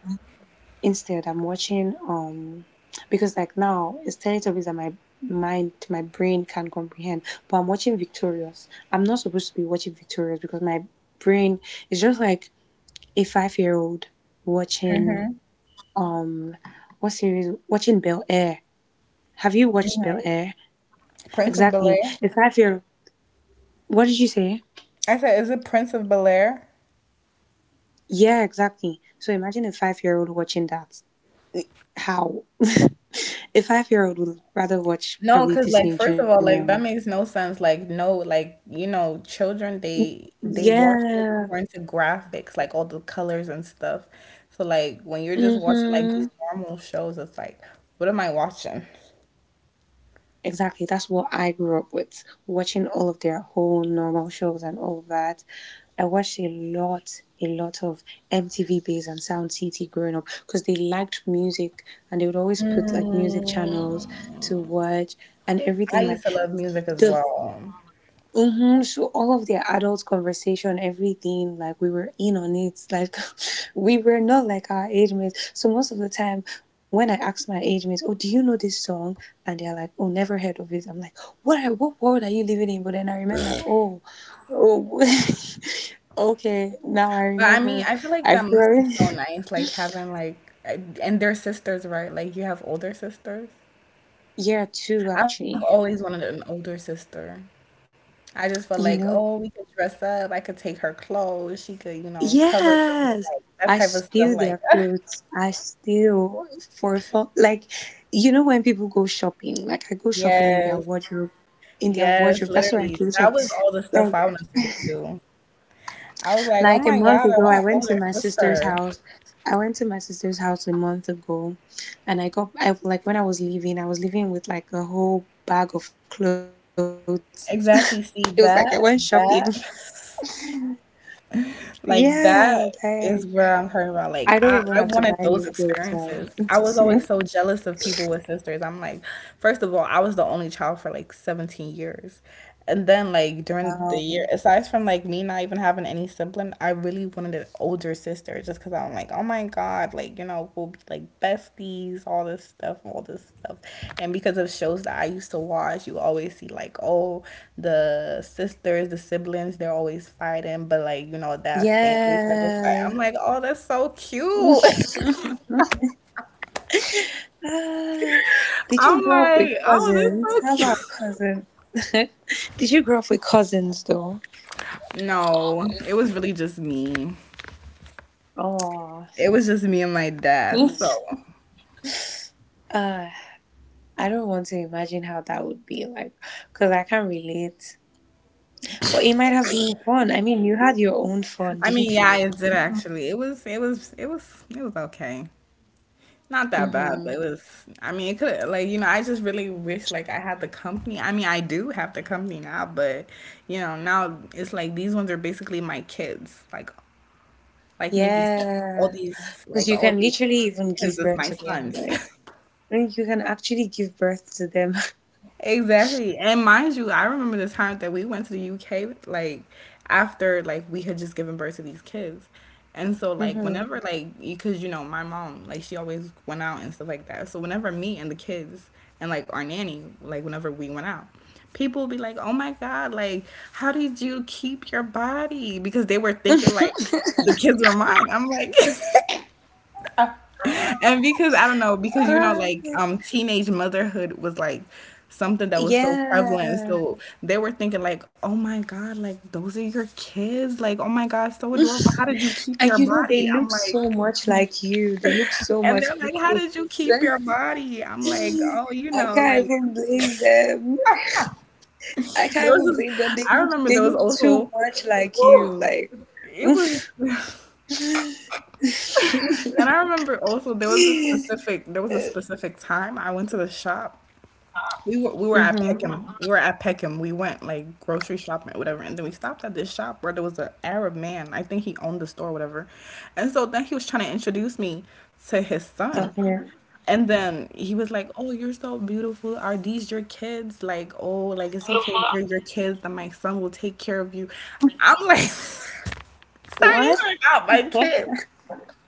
[SPEAKER 2] instead I'm watching because like now it's Teletubbies that my brain can comprehend. But I'm watching Victorious. I'm not supposed to be watching Victorious because my brain is just like a 5 year old watching um what series watching Bel Air. Have you watched Bel Air?
[SPEAKER 1] Prince of Bel
[SPEAKER 2] Exactly.
[SPEAKER 1] Air.
[SPEAKER 2] A 5 year what did you say?
[SPEAKER 1] I said, is it Prince of Bel Air?
[SPEAKER 2] Yeah, exactly. So imagine a 5 year old watching that. How? <laughs> A 5 year old would rather watch
[SPEAKER 1] No,
[SPEAKER 2] probably
[SPEAKER 1] because like
[SPEAKER 2] Disney
[SPEAKER 1] first of all,
[SPEAKER 2] Junior.
[SPEAKER 1] like that makes no sense. Like no, like you know, children they watch
[SPEAKER 2] Yeah.
[SPEAKER 1] things according to graphics, like all the colors and stuff. So like when you're just watching like
[SPEAKER 2] Mm-hmm.
[SPEAKER 1] these normal shows, it's like, what am I watching?
[SPEAKER 2] Exactly. That's what I grew up with, watching all of their whole normal shows and all of that. I watched a lot of MTV Base and Sound City growing up because they liked music, and they would always put like music channels to
[SPEAKER 1] Mm,
[SPEAKER 2] watch and
[SPEAKER 1] I
[SPEAKER 2] everything. Like
[SPEAKER 1] used to love music as
[SPEAKER 2] the
[SPEAKER 1] well.
[SPEAKER 2] hmm So all of their adult conversation, everything, like we were in on it. Like <laughs> we were not like our age mates. So most of the time when I ask my age mates, "Oh, do you know this song?" And they're like, "Oh, never heard of it." I'm like, "What world are you living in?" But then I remember, oh, <laughs> okay, now I
[SPEAKER 1] But I mean,
[SPEAKER 2] remember.
[SPEAKER 1] I feel like that
[SPEAKER 2] I've
[SPEAKER 1] must be
[SPEAKER 2] grown. <laughs>
[SPEAKER 1] so nice, like having like and their sisters, right? Like you have older sisters.
[SPEAKER 2] Year two
[SPEAKER 1] I've
[SPEAKER 2] actually.
[SPEAKER 1] always wanted an older sister. I just felt
[SPEAKER 2] You
[SPEAKER 1] like,
[SPEAKER 2] know,
[SPEAKER 1] oh, we could dress up. I could take her clothes. She could, you know, cover for me,
[SPEAKER 2] yes,
[SPEAKER 1] like that
[SPEAKER 2] I
[SPEAKER 1] type of stuff.
[SPEAKER 2] steal their
[SPEAKER 1] Like, <laughs>
[SPEAKER 2] clothes. I steal for fun. Like, you know, when people go shopping, like I go shopping in their
[SPEAKER 1] yes,
[SPEAKER 2] wardrobe, in their
[SPEAKER 1] yes,
[SPEAKER 2] wardrobe. That's where I
[SPEAKER 1] literally.
[SPEAKER 2] go
[SPEAKER 1] That
[SPEAKER 2] shop.
[SPEAKER 1] was all the stuff
[SPEAKER 2] Like,
[SPEAKER 1] I wanted to do. I was like, oh my
[SPEAKER 2] like a
[SPEAKER 1] God, I
[SPEAKER 2] month
[SPEAKER 1] want
[SPEAKER 2] ago,
[SPEAKER 1] an
[SPEAKER 2] I
[SPEAKER 1] older
[SPEAKER 2] went to my sister's
[SPEAKER 1] sister.
[SPEAKER 2] house. I went to my sister's house a month ago, and I like when I was leaving with like a whole bag of clothes. <laughs> It was like I went
[SPEAKER 1] Exactly. See
[SPEAKER 2] shopping. <laughs>
[SPEAKER 1] that, that. <laughs>
[SPEAKER 2] Yeah,
[SPEAKER 1] Like
[SPEAKER 2] like
[SPEAKER 1] that is what
[SPEAKER 2] I
[SPEAKER 1] I'm
[SPEAKER 2] don't
[SPEAKER 1] talking
[SPEAKER 2] even
[SPEAKER 1] about.
[SPEAKER 2] have to
[SPEAKER 1] Like
[SPEAKER 2] buy new
[SPEAKER 1] I
[SPEAKER 2] clothes
[SPEAKER 1] wanted those
[SPEAKER 2] now.
[SPEAKER 1] experiences.
[SPEAKER 2] <laughs>
[SPEAKER 1] I was always so jealous of people with sisters. I'm like, first of all, I was the only child for like 17 years. And then like during the year,
[SPEAKER 2] Um,
[SPEAKER 1] aside from like me not even having any sibling, I really wanted an older sister there just because I'm like, oh my God, like, you know, we'll be like besties, all this stuff, all this stuff. And because of shows that I used to watch, you always see like, oh, the sisters, the siblings, they're always fighting, but like, you know, that family type of fight. I'm
[SPEAKER 2] yeah.
[SPEAKER 1] like, oh, that's so cute.
[SPEAKER 2] <laughs> ah,
[SPEAKER 1] <laughs>
[SPEAKER 2] did you
[SPEAKER 1] I'm
[SPEAKER 2] grow up with
[SPEAKER 1] like, oh, that's
[SPEAKER 2] cousins?
[SPEAKER 1] so
[SPEAKER 2] How
[SPEAKER 1] cute.
[SPEAKER 2] about
[SPEAKER 1] <laughs>
[SPEAKER 2] cousins? <laughs> Did you grow up with cousins though?
[SPEAKER 1] No, it was really just me.
[SPEAKER 2] Oh.
[SPEAKER 1] It was just me and my dad. So,
[SPEAKER 2] <laughs> I don't want to imagine how that would be like, because I can't relate. But it might have been fun. I mean, you had your own fun,
[SPEAKER 1] I mean,
[SPEAKER 2] didn't
[SPEAKER 1] yeah,
[SPEAKER 2] you?
[SPEAKER 1] it did actually. It was okay. Not that bad,
[SPEAKER 2] Mm-hmm.
[SPEAKER 1] but it was, I mean, it could, like, you know, I just really wish, like, I had the company. I mean, I do have the company now, but, you know, now it's like these ones are basically my kids. Like Nikki said, all
[SPEAKER 2] Yeah,
[SPEAKER 1] these,
[SPEAKER 2] because
[SPEAKER 1] like,
[SPEAKER 2] you
[SPEAKER 1] all
[SPEAKER 2] can
[SPEAKER 1] these
[SPEAKER 2] literally even
[SPEAKER 1] kids
[SPEAKER 2] give
[SPEAKER 1] is
[SPEAKER 2] birth
[SPEAKER 1] my
[SPEAKER 2] to them.
[SPEAKER 1] sons.
[SPEAKER 2] Like,
[SPEAKER 1] <laughs>
[SPEAKER 2] I think you can actually give birth to them.
[SPEAKER 1] Exactly. And mind you, I remember the time that we went to the UK, like after like we had just given birth to these kids. And
[SPEAKER 2] <laughs>
[SPEAKER 1] so like
[SPEAKER 2] hmm
[SPEAKER 1] whenever like because you know my mom like she always went out and stuff like that. So whenever me and the kids and like our nanny like whenever we went out, people would be like, "Oh my God, like how did you keep your body?" Because they were thinking like the kids were mine. I'm like <laughs> and because I don't know,
[SPEAKER 2] Uh,
[SPEAKER 1] because you know, like teenage motherhood was like something that was so prevalent.
[SPEAKER 2] yeah.
[SPEAKER 1] So they were thinking like, oh my God, like those are your kids. Like, oh my God, so adorable. How did you
[SPEAKER 2] <laughs>
[SPEAKER 1] keep
[SPEAKER 2] And
[SPEAKER 1] your
[SPEAKER 2] you know, they
[SPEAKER 1] body? I'm
[SPEAKER 2] look so
[SPEAKER 1] like,
[SPEAKER 2] much like you. They look so
[SPEAKER 1] and
[SPEAKER 2] much
[SPEAKER 1] they're
[SPEAKER 2] like
[SPEAKER 1] like, how
[SPEAKER 2] you.
[SPEAKER 1] did you
[SPEAKER 2] So
[SPEAKER 1] keep your body? I'm like, oh, you
[SPEAKER 2] I
[SPEAKER 1] know,
[SPEAKER 2] can't
[SPEAKER 1] like
[SPEAKER 2] even blame them. I
[SPEAKER 1] there
[SPEAKER 2] can't
[SPEAKER 1] was.
[SPEAKER 2] even blame
[SPEAKER 1] This,
[SPEAKER 2] them. They
[SPEAKER 1] I
[SPEAKER 2] look
[SPEAKER 1] remember there was also.
[SPEAKER 2] too much like
[SPEAKER 1] Whew,
[SPEAKER 2] you. Like
[SPEAKER 1] it
[SPEAKER 2] <laughs>
[SPEAKER 1] was <laughs> and I remember also there was a specific time I went to the shop. We were at
[SPEAKER 2] mm-hmm.
[SPEAKER 1] Peckham. We were at Peckham. We went like grocery shopping, or whatever, and then we stopped at this shop where there was an Arab man. I think he owned the store, or whatever. And so then he was trying to introduce
[SPEAKER 2] Okay.
[SPEAKER 1] me to his son. And then he was like, "Oh, you're so beautiful. Are these your kids? Like, oh, like it's okay if they're your kids. That my son will take care of you." I'm like, <laughs>
[SPEAKER 2] What?
[SPEAKER 1] "Sir, these are not my kids."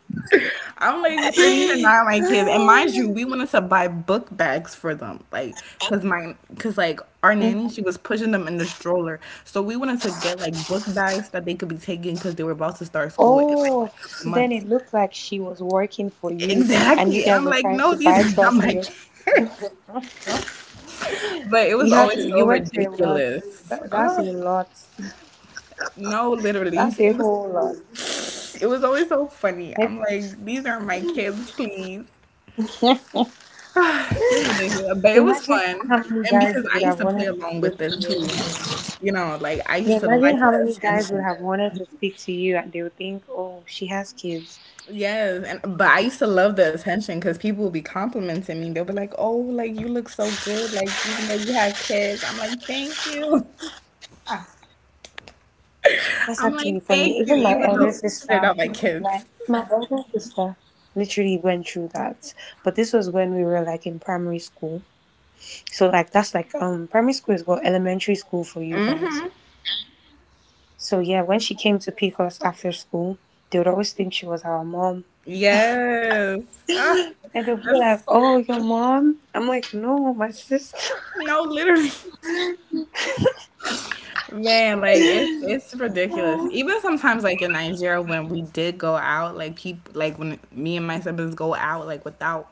[SPEAKER 2] <laughs>
[SPEAKER 1] I'm like starting to
[SPEAKER 2] Ah.
[SPEAKER 1] not my kids, and mind you, we wanted to buy book bags for them, like, cause like
[SPEAKER 2] Mhm.
[SPEAKER 1] our nanny, she was pushing them in the stroller, so we wanted to get like book bags that they could be taking, cause they were about to start school in
[SPEAKER 2] Oh,
[SPEAKER 1] like a
[SPEAKER 2] so
[SPEAKER 1] couple
[SPEAKER 2] then it
[SPEAKER 1] months.
[SPEAKER 2] looked like she was working for you, and you
[SPEAKER 1] Exactly, and
[SPEAKER 2] guys
[SPEAKER 1] I'm
[SPEAKER 2] were
[SPEAKER 1] like,
[SPEAKER 2] trying to
[SPEAKER 1] no,
[SPEAKER 2] buy
[SPEAKER 1] these are
[SPEAKER 2] stuff
[SPEAKER 1] not
[SPEAKER 2] for
[SPEAKER 1] my
[SPEAKER 2] you.
[SPEAKER 1] kids. <laughs> But it was
[SPEAKER 2] You had to,
[SPEAKER 1] always
[SPEAKER 2] you
[SPEAKER 1] so
[SPEAKER 2] went through a lot.
[SPEAKER 1] ridiculous.
[SPEAKER 2] That's a
[SPEAKER 1] Ugh.
[SPEAKER 2] lot.
[SPEAKER 1] No, literally,
[SPEAKER 2] That's a whole lot.
[SPEAKER 1] it was always so funny.
[SPEAKER 2] Like,
[SPEAKER 1] I'm like, these aren't my kids, please. <sighs> It's just ridiculous. But it was
[SPEAKER 2] imagine how
[SPEAKER 1] fun.
[SPEAKER 2] many
[SPEAKER 1] And
[SPEAKER 2] guys
[SPEAKER 1] because
[SPEAKER 2] would
[SPEAKER 1] I used
[SPEAKER 2] have
[SPEAKER 1] to play
[SPEAKER 2] wanted to.
[SPEAKER 1] along with it too. You know, like I
[SPEAKER 2] Yeah,
[SPEAKER 1] used to
[SPEAKER 2] imagine
[SPEAKER 1] like
[SPEAKER 2] how
[SPEAKER 1] the
[SPEAKER 2] many guys would
[SPEAKER 1] attention.
[SPEAKER 2] have wanted to speak to you, and they would think, "Oh, she has kids."
[SPEAKER 1] Yes, and but I used to love the attention because people would be complimenting me. They'll be like, "Oh, like you look so good, like even though you had kids." I'm like, "Thank you."
[SPEAKER 2] That's actually
[SPEAKER 1] <laughs> I'm
[SPEAKER 2] funny.
[SPEAKER 1] like,
[SPEAKER 2] Even
[SPEAKER 1] "Thank
[SPEAKER 2] my
[SPEAKER 1] you,"
[SPEAKER 2] elder
[SPEAKER 1] even though
[SPEAKER 2] sister,
[SPEAKER 1] they're not my
[SPEAKER 2] my
[SPEAKER 1] kids.
[SPEAKER 2] my elder sister, literally went through that. But this was when we were like in primary school. So like that's like primary school is what elementary school for you guys. So yeah, when she came to pick us after school, they would always think she was our mom.
[SPEAKER 1] Yes, ah,
[SPEAKER 2] And they'll be like,
[SPEAKER 1] that's
[SPEAKER 2] "Oh, your mom?" I'm like, "No, my sister."
[SPEAKER 1] no, literally. Man, like it's ridiculous. Even sometimes, like in Nigeria, when we did go out, like people, like when me and my siblings go out, like without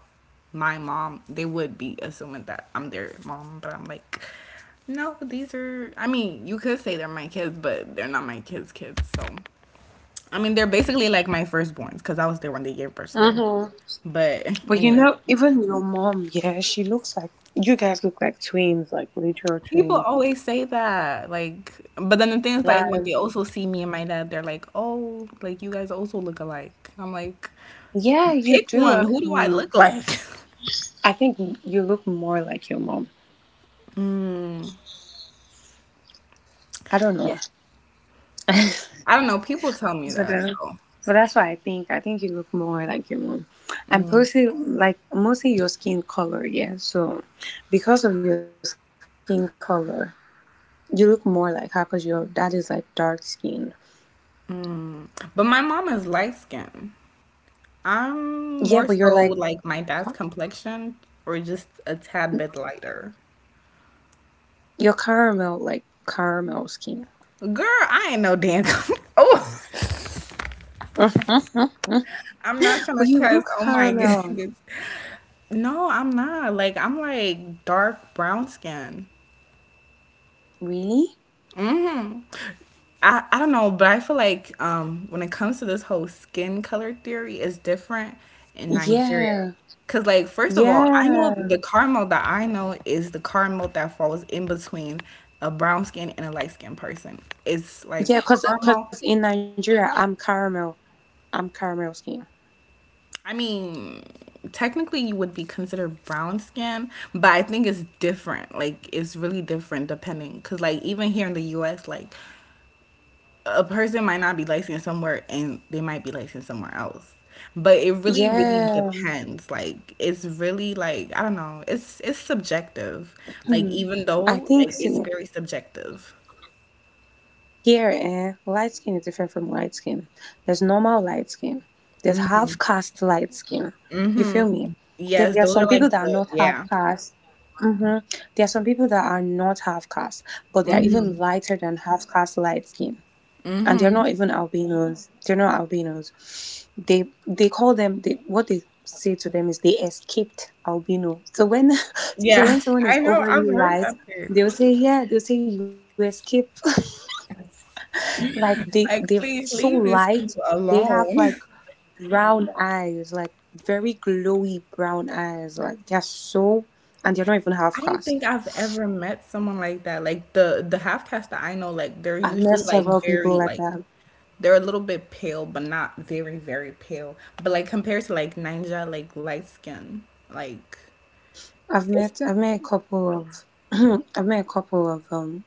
[SPEAKER 1] my mom, they would be assuming that I'm their mom. But I'm like, no, these are. I mean, you could say they're my kids, but they're not my kids' kids. So, I mean, they're basically like my firstborns because I was there when they gave birth to them.
[SPEAKER 2] Mm-hmm.
[SPEAKER 1] But
[SPEAKER 2] But you
[SPEAKER 1] anyway.
[SPEAKER 2] know, even your mom, yeah, she looks like, you guys look like twins, like literal
[SPEAKER 1] People
[SPEAKER 2] twins.
[SPEAKER 1] always say that, like, but then the thing is, like, when they
[SPEAKER 2] Like,
[SPEAKER 1] also see me and my dad, they're like, "Oh, like you guys also look alike." I'm like,
[SPEAKER 2] yeah, you
[SPEAKER 1] "Pick
[SPEAKER 2] do
[SPEAKER 1] one. Who do I
[SPEAKER 2] actually.
[SPEAKER 1] look like?"
[SPEAKER 2] I think you look more like your mom. I
[SPEAKER 1] <laughs>
[SPEAKER 2] don't
[SPEAKER 1] Yeah,
[SPEAKER 2] know.
[SPEAKER 1] I don't know. People tell me
[SPEAKER 2] But,
[SPEAKER 1] that,
[SPEAKER 2] uh,
[SPEAKER 1] so.
[SPEAKER 2] but that's what I think. I think you look more like your mom. And mostly, like, mostly your skin color, yeah. So because of your skin color, you look more like her because your dad is like dark skinned.
[SPEAKER 1] But my mom is light skinned. I'm
[SPEAKER 2] Yeah,
[SPEAKER 1] more
[SPEAKER 2] but you're
[SPEAKER 1] so
[SPEAKER 2] like
[SPEAKER 1] like my dad's complexion, or just a tad bit lighter.
[SPEAKER 2] your caramel, like caramel skin.
[SPEAKER 1] Girl, I ain't no damn. <laughs> Oh,
[SPEAKER 2] <laughs>
[SPEAKER 1] I'm not trying to
[SPEAKER 2] But you
[SPEAKER 1] cuss.
[SPEAKER 2] look
[SPEAKER 1] Oh my <laughs>
[SPEAKER 2] caramel.
[SPEAKER 1] goodness. No, I'm not. Like I'm like dark brown skin.
[SPEAKER 2] Really?
[SPEAKER 1] I don't know, but I feel like when it comes to this whole skin color theory, it's different in Nigeria.
[SPEAKER 2] Yeah.
[SPEAKER 1] Cause like first of all, I know
[SPEAKER 2] Yeah.
[SPEAKER 1] the caramel that I know is the caramel that falls in between a brown skin and a light skinned person. It's like
[SPEAKER 2] Yeah, cause
[SPEAKER 1] caramel.
[SPEAKER 2] in Nigeria I'm caramel. I'm caramel skin.
[SPEAKER 1] I mean, technically you would be considered brown skin, but I think it's different. Like it's really different depending, cause like even here in the U.S., like a person might not be licensed somewhere and they might be licensed somewhere else. But it really, really
[SPEAKER 2] Yeah.
[SPEAKER 1] depends. Like it's really, like I don't know. It's subjective. Like even
[SPEAKER 2] I
[SPEAKER 1] though
[SPEAKER 2] think
[SPEAKER 1] like it's
[SPEAKER 2] so.
[SPEAKER 1] very subjective.
[SPEAKER 2] Here, eh, light skin is different from light skin. There's normal light skin. There's half caste light skin. You feel me? Then there are
[SPEAKER 1] Yes, those
[SPEAKER 2] some
[SPEAKER 1] are
[SPEAKER 2] people
[SPEAKER 1] like
[SPEAKER 2] that are
[SPEAKER 1] the,
[SPEAKER 2] not half
[SPEAKER 1] yeah.
[SPEAKER 2] caste. Hmm There are some people that are not half caste, but they are
[SPEAKER 1] Mm-hmm.
[SPEAKER 2] even lighter than half caste light skin, and they're
[SPEAKER 1] Mm-hmm.
[SPEAKER 2] not even albinos. They're not albinos. They call them. They, what they say to them is they escaped albino. So when <laughs> so
[SPEAKER 1] Yeah,
[SPEAKER 2] when someone
[SPEAKER 1] <laughs> I
[SPEAKER 2] is
[SPEAKER 1] know. I've
[SPEAKER 2] overly
[SPEAKER 1] heard
[SPEAKER 2] light,
[SPEAKER 1] that word.
[SPEAKER 2] they will say yeah. They'll say you escape. <laughs> Like they're
[SPEAKER 1] Like,
[SPEAKER 2] so
[SPEAKER 1] please leave these
[SPEAKER 2] light.
[SPEAKER 1] people
[SPEAKER 2] They have like
[SPEAKER 1] alone.
[SPEAKER 2] brown eyes, like very glowy brown eyes. Like they're so and they're not even half
[SPEAKER 1] <laughs> I don't
[SPEAKER 2] caste.
[SPEAKER 1] think I've ever met someone like that. Like the half caste that I know,
[SPEAKER 2] I've
[SPEAKER 1] like
[SPEAKER 2] met
[SPEAKER 1] they're
[SPEAKER 2] several
[SPEAKER 1] usually like
[SPEAKER 2] people like
[SPEAKER 1] very
[SPEAKER 2] that.
[SPEAKER 1] like they're a little bit pale, but not very, very pale. But like compared to like Ninja, like light skin, like
[SPEAKER 2] I've
[SPEAKER 1] it's
[SPEAKER 2] met I've met a couple of <clears throat> I've met a couple of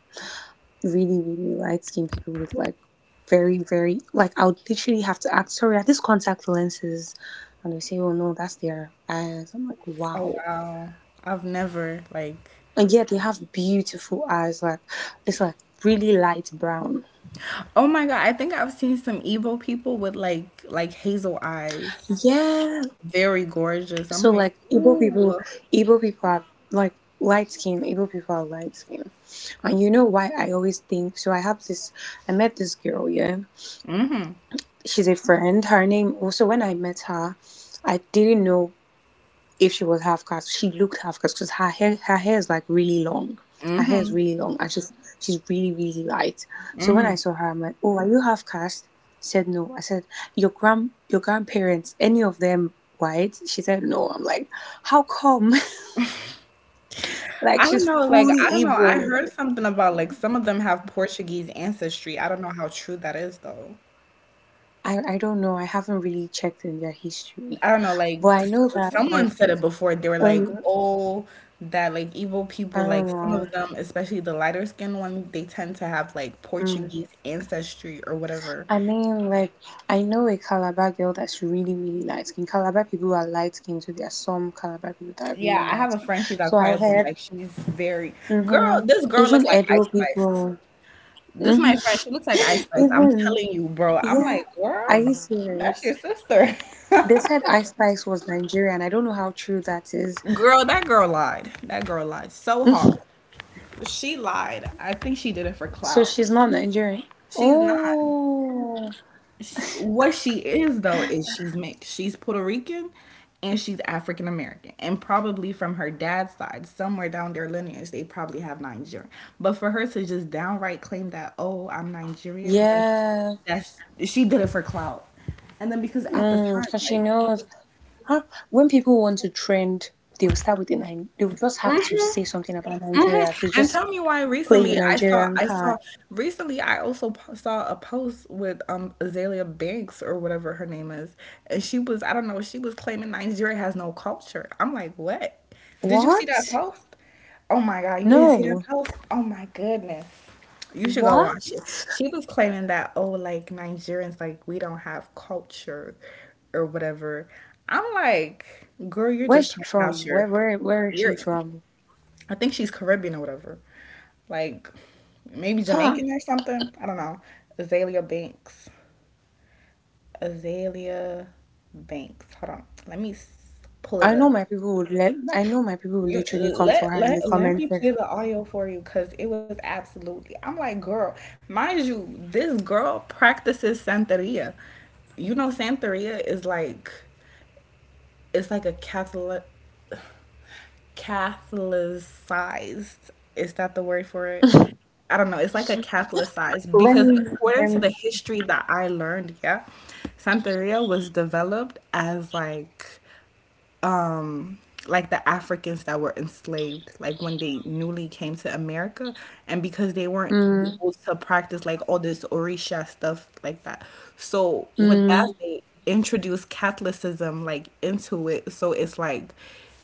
[SPEAKER 2] really, really light skinned people with like very, very like I would literally have to ask, sorry, are these contact lenses? And they say, "Oh no, that's their eyes." I'm like,
[SPEAKER 1] oh
[SPEAKER 2] wow.
[SPEAKER 1] wow. I've never like
[SPEAKER 2] And yeah, they have beautiful eyes. Like it's like really light brown.
[SPEAKER 1] oh my god. I think I've seen some Evo people with like hazel eyes,
[SPEAKER 2] Yeah.
[SPEAKER 1] very
[SPEAKER 2] So
[SPEAKER 1] gorgeous.
[SPEAKER 2] like
[SPEAKER 1] I'm like ooh.
[SPEAKER 2] Igbo people are like light skin. Igbo people are light skin. And you know why I always think so. I have this. I met this girl. Yeah, she's a friend. Her name also when I met her, I didn't know if she was half caste. She looked half caste because her hair is like really long. Her hair is really long and she's really, really light. So when I saw her, I'm like, "Oh, are you half caste?" She said no. I said, "Your grand your grandparents, any of them white?" She said no. I'm like, "How come?" <laughs>
[SPEAKER 1] I
[SPEAKER 2] Like
[SPEAKER 1] don't
[SPEAKER 2] she's
[SPEAKER 1] know. Like I don't
[SPEAKER 2] fully
[SPEAKER 1] know. I
[SPEAKER 2] Igbo.
[SPEAKER 1] heard something about like some of them have Portuguese ancestry. I don't know how true that is though.
[SPEAKER 2] I don't know. I haven't really checked in their history.
[SPEAKER 1] I don't know, like
[SPEAKER 2] But I know that
[SPEAKER 1] someone
[SPEAKER 2] like
[SPEAKER 1] said it before. They were
[SPEAKER 2] um
[SPEAKER 1] like, "Oh, that like evil
[SPEAKER 2] I
[SPEAKER 1] people,
[SPEAKER 2] don't
[SPEAKER 1] like some
[SPEAKER 2] know.
[SPEAKER 1] of them, especially the lighter skinned ones, they tend to have like
[SPEAKER 2] Mm.
[SPEAKER 1] Portuguese ancestry or whatever."
[SPEAKER 2] I mean, like, I know a Calabar girl that's really, really light skinned. Calabar people are light skinned, so there are some Calabar people that are
[SPEAKER 1] Yeah,
[SPEAKER 2] really
[SPEAKER 1] I
[SPEAKER 2] light
[SPEAKER 1] have a
[SPEAKER 2] skinned.
[SPEAKER 1] friend. She's
[SPEAKER 2] So I
[SPEAKER 1] Aquarian, but
[SPEAKER 2] heard,
[SPEAKER 1] like she's very
[SPEAKER 2] hmm
[SPEAKER 1] girl. This girl
[SPEAKER 2] even
[SPEAKER 1] looks like
[SPEAKER 2] Edo
[SPEAKER 1] Ice
[SPEAKER 2] people,
[SPEAKER 1] Spice. This
[SPEAKER 2] hmm
[SPEAKER 1] my friend. She looks like Ice
[SPEAKER 2] <laughs>
[SPEAKER 1] Spice. I'm
[SPEAKER 2] even,
[SPEAKER 1] telling you, bro. I'm
[SPEAKER 2] yeah,
[SPEAKER 1] like,
[SPEAKER 2] are
[SPEAKER 1] girl,
[SPEAKER 2] you serious?
[SPEAKER 1] that's your sister.
[SPEAKER 2] They
[SPEAKER 1] <laughs>
[SPEAKER 2] said Ice Spice was Nigerian. I don't know how true that is.
[SPEAKER 1] Girl, that girl lied. That girl lied so hard.
[SPEAKER 2] <laughs>
[SPEAKER 1] She lied. I think she did it for
[SPEAKER 2] So
[SPEAKER 1] clout.
[SPEAKER 2] she's not Nigerian.
[SPEAKER 1] She's not.
[SPEAKER 2] Oh,
[SPEAKER 1] She, what she is though is she's mixed. She's Puerto Rican and she's African American, and probably from her dad's side, somewhere down their lineage, they probably have Nigerian. But for her to just downright claim that, oh, I'm Nigerian,
[SPEAKER 2] yeah.
[SPEAKER 1] that's she did it for clout. And then because at the time,
[SPEAKER 2] Because she
[SPEAKER 1] like
[SPEAKER 2] knows. Huh? When people want to trend, they'll start with the Ni- They'll just have to say something about
[SPEAKER 1] <laughs> mhm.
[SPEAKER 2] Nigeria. They
[SPEAKER 1] And
[SPEAKER 2] just
[SPEAKER 1] tell me why
[SPEAKER 2] play
[SPEAKER 1] recently
[SPEAKER 2] the
[SPEAKER 1] I saw
[SPEAKER 2] Nigerian
[SPEAKER 1] I saw
[SPEAKER 2] card.
[SPEAKER 1] recently I also saw a post with Azalea Banks or whatever her name is, and she was, I don't know, she was claiming Nigeria has no culture. I'm like, "What? Did you see that
[SPEAKER 2] What?
[SPEAKER 1] post?" Oh my God, you didn't see that
[SPEAKER 2] No.
[SPEAKER 1] post? Oh my goodness. You should go
[SPEAKER 2] What?
[SPEAKER 1] watch it. She was claiming that, oh, like Nigerians, like we don't have culture or whatever. I'm like, girl, you're
[SPEAKER 2] Where's
[SPEAKER 1] just
[SPEAKER 2] she
[SPEAKER 1] talking out
[SPEAKER 2] from?
[SPEAKER 1] your
[SPEAKER 2] Where is she
[SPEAKER 1] you're
[SPEAKER 2] from?
[SPEAKER 1] I think she's Caribbean or whatever. Like maybe
[SPEAKER 2] Huh?
[SPEAKER 1] Jamaican or something. I don't know. Azalea Banks. Azalea Banks. Hold on. Let me pull it
[SPEAKER 2] I know
[SPEAKER 1] up.
[SPEAKER 2] my people would let. I know my people would
[SPEAKER 1] You
[SPEAKER 2] literally come
[SPEAKER 1] let
[SPEAKER 2] for her in
[SPEAKER 1] let
[SPEAKER 2] the
[SPEAKER 1] let me
[SPEAKER 2] comments
[SPEAKER 1] play
[SPEAKER 2] section.
[SPEAKER 1] the audio for you because it was absolutely. I'm like, girl, mind you, this girl practices Santeria. You know, Santeria is like it's like a Catholic Catholicized. Is that the word for it? I don't know, it's like a Catholicized
[SPEAKER 2] Let
[SPEAKER 1] because
[SPEAKER 2] me.
[SPEAKER 1] according
[SPEAKER 2] Let
[SPEAKER 1] to
[SPEAKER 2] me.
[SPEAKER 1] the history that I learned, yeah, Santeria was developed as um like the Africans that were enslaved, like when they newly came to America and because they weren't
[SPEAKER 2] Mm,
[SPEAKER 1] able to practice like all this Orisha stuff like that. So with that
[SPEAKER 2] mm,
[SPEAKER 1] they introduced Catholicism like into it. So it's like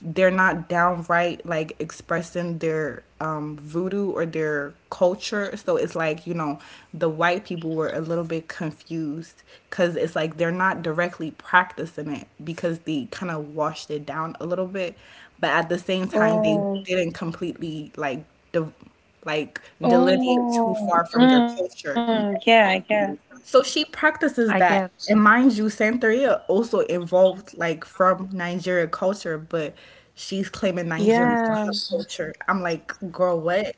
[SPEAKER 1] they're not downright like expressing their voodoo or their culture. So it's like, you know, the white people were a little bit confused because it's like they're not directly practicing it because they kind of washed it down a little bit. But at the same time, they
[SPEAKER 2] oh.
[SPEAKER 1] didn't completely like, de- like delineate too
[SPEAKER 2] Oh.
[SPEAKER 1] far from their
[SPEAKER 2] Mm,
[SPEAKER 1] culture.
[SPEAKER 2] yeah. I guess.
[SPEAKER 1] So she
[SPEAKER 2] I
[SPEAKER 1] practices
[SPEAKER 2] guess.
[SPEAKER 1] that. And mind you, Santeria also evolved like from Nigerian culture, but she's claiming Nigerians don't
[SPEAKER 2] Yeah.
[SPEAKER 1] have culture. I'm like, girl, what?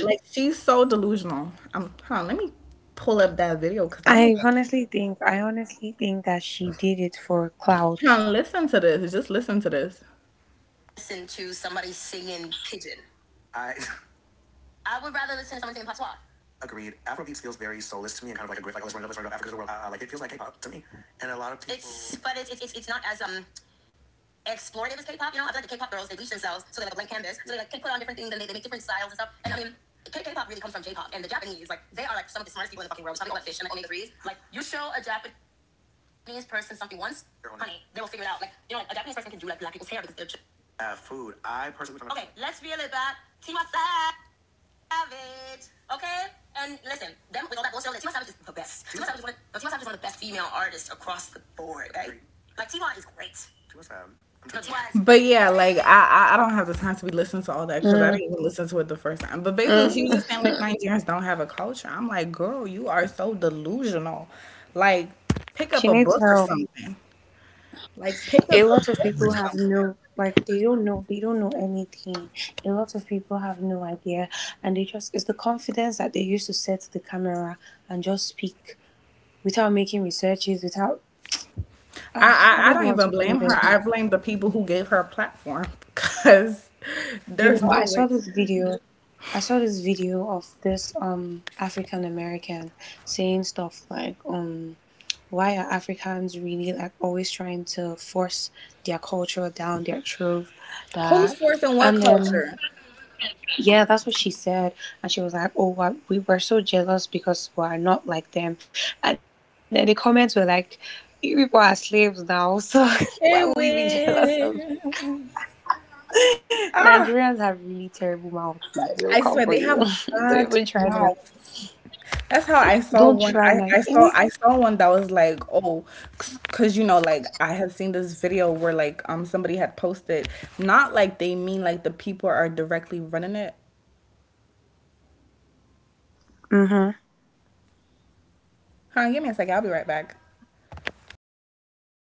[SPEAKER 1] Like she's so delusional. I'm huh, let me pull up that video because I'm like,
[SPEAKER 2] I honestly think that she did it for
[SPEAKER 1] huh,
[SPEAKER 2] clout.
[SPEAKER 1] listen to this. Just listen to this. I <laughs> agreed. Afrobeats feels very soulless to me and kind of like a grift. Like, let's run it up, let's run it up. Africa's the world. Like, it feels like K-pop to me. And a lot of people have food. I personally... But yeah, like I don't have the time to be listening to all that
[SPEAKER 2] Mm,
[SPEAKER 1] because I didn't even listen to it the first time. But basically, she was just saying
[SPEAKER 2] mm.
[SPEAKER 1] like Nigerians don't have a culture. I'm like, girl, you are so delusional. Like, pick up
[SPEAKER 2] She
[SPEAKER 1] a
[SPEAKER 2] needs
[SPEAKER 1] book or
[SPEAKER 2] help.
[SPEAKER 1] something. Like, pick up
[SPEAKER 2] A
[SPEAKER 1] a
[SPEAKER 2] lot of
[SPEAKER 1] book or
[SPEAKER 2] people have
[SPEAKER 1] something.
[SPEAKER 2] no like they don't know anything. A lot of people have no idea and they just it's the confidence that they used to set the camera and just speak without making researches, without
[SPEAKER 1] I
[SPEAKER 2] ugh, I
[SPEAKER 1] I,
[SPEAKER 2] don't
[SPEAKER 1] I
[SPEAKER 2] even
[SPEAKER 1] don't
[SPEAKER 2] want
[SPEAKER 1] even
[SPEAKER 2] to go
[SPEAKER 1] blame
[SPEAKER 2] there.
[SPEAKER 1] her. I blame the people who gave her a platform <laughs> because
[SPEAKER 2] You know,
[SPEAKER 1] there's no
[SPEAKER 2] I
[SPEAKER 1] way.
[SPEAKER 2] saw this video. I saw this video of this African American saying stuff like, why are Africans really like always trying to force their culture down their throat?
[SPEAKER 1] Who's
[SPEAKER 2] That
[SPEAKER 1] forcing what
[SPEAKER 2] and then
[SPEAKER 1] culture?
[SPEAKER 2] yeah, that's what she said, and she was like, "Oh, we were so jealous because we are not like them," and then the comments were like, "You people are slaves now, so <laughs> why would
[SPEAKER 1] It
[SPEAKER 2] we be jealous of"
[SPEAKER 1] will. Ah,
[SPEAKER 2] Nigerians have really terrible mouths. Like, they'll
[SPEAKER 1] I
[SPEAKER 2] come for
[SPEAKER 1] swear they
[SPEAKER 2] you.
[SPEAKER 1] have
[SPEAKER 2] <laughs> Don't
[SPEAKER 1] bad
[SPEAKER 2] even try them.
[SPEAKER 1] mouths. That's how I saw
[SPEAKER 2] Don't
[SPEAKER 1] one.
[SPEAKER 2] try
[SPEAKER 1] I, I saw
[SPEAKER 2] Nigeria.
[SPEAKER 1] I saw one that was like, oh, because you know, like I have seen this video where like somebody had posted, not like they mean like the people are directly running it.
[SPEAKER 2] Mm-hmm.
[SPEAKER 1] Huh? Give me a second. I'll be right back.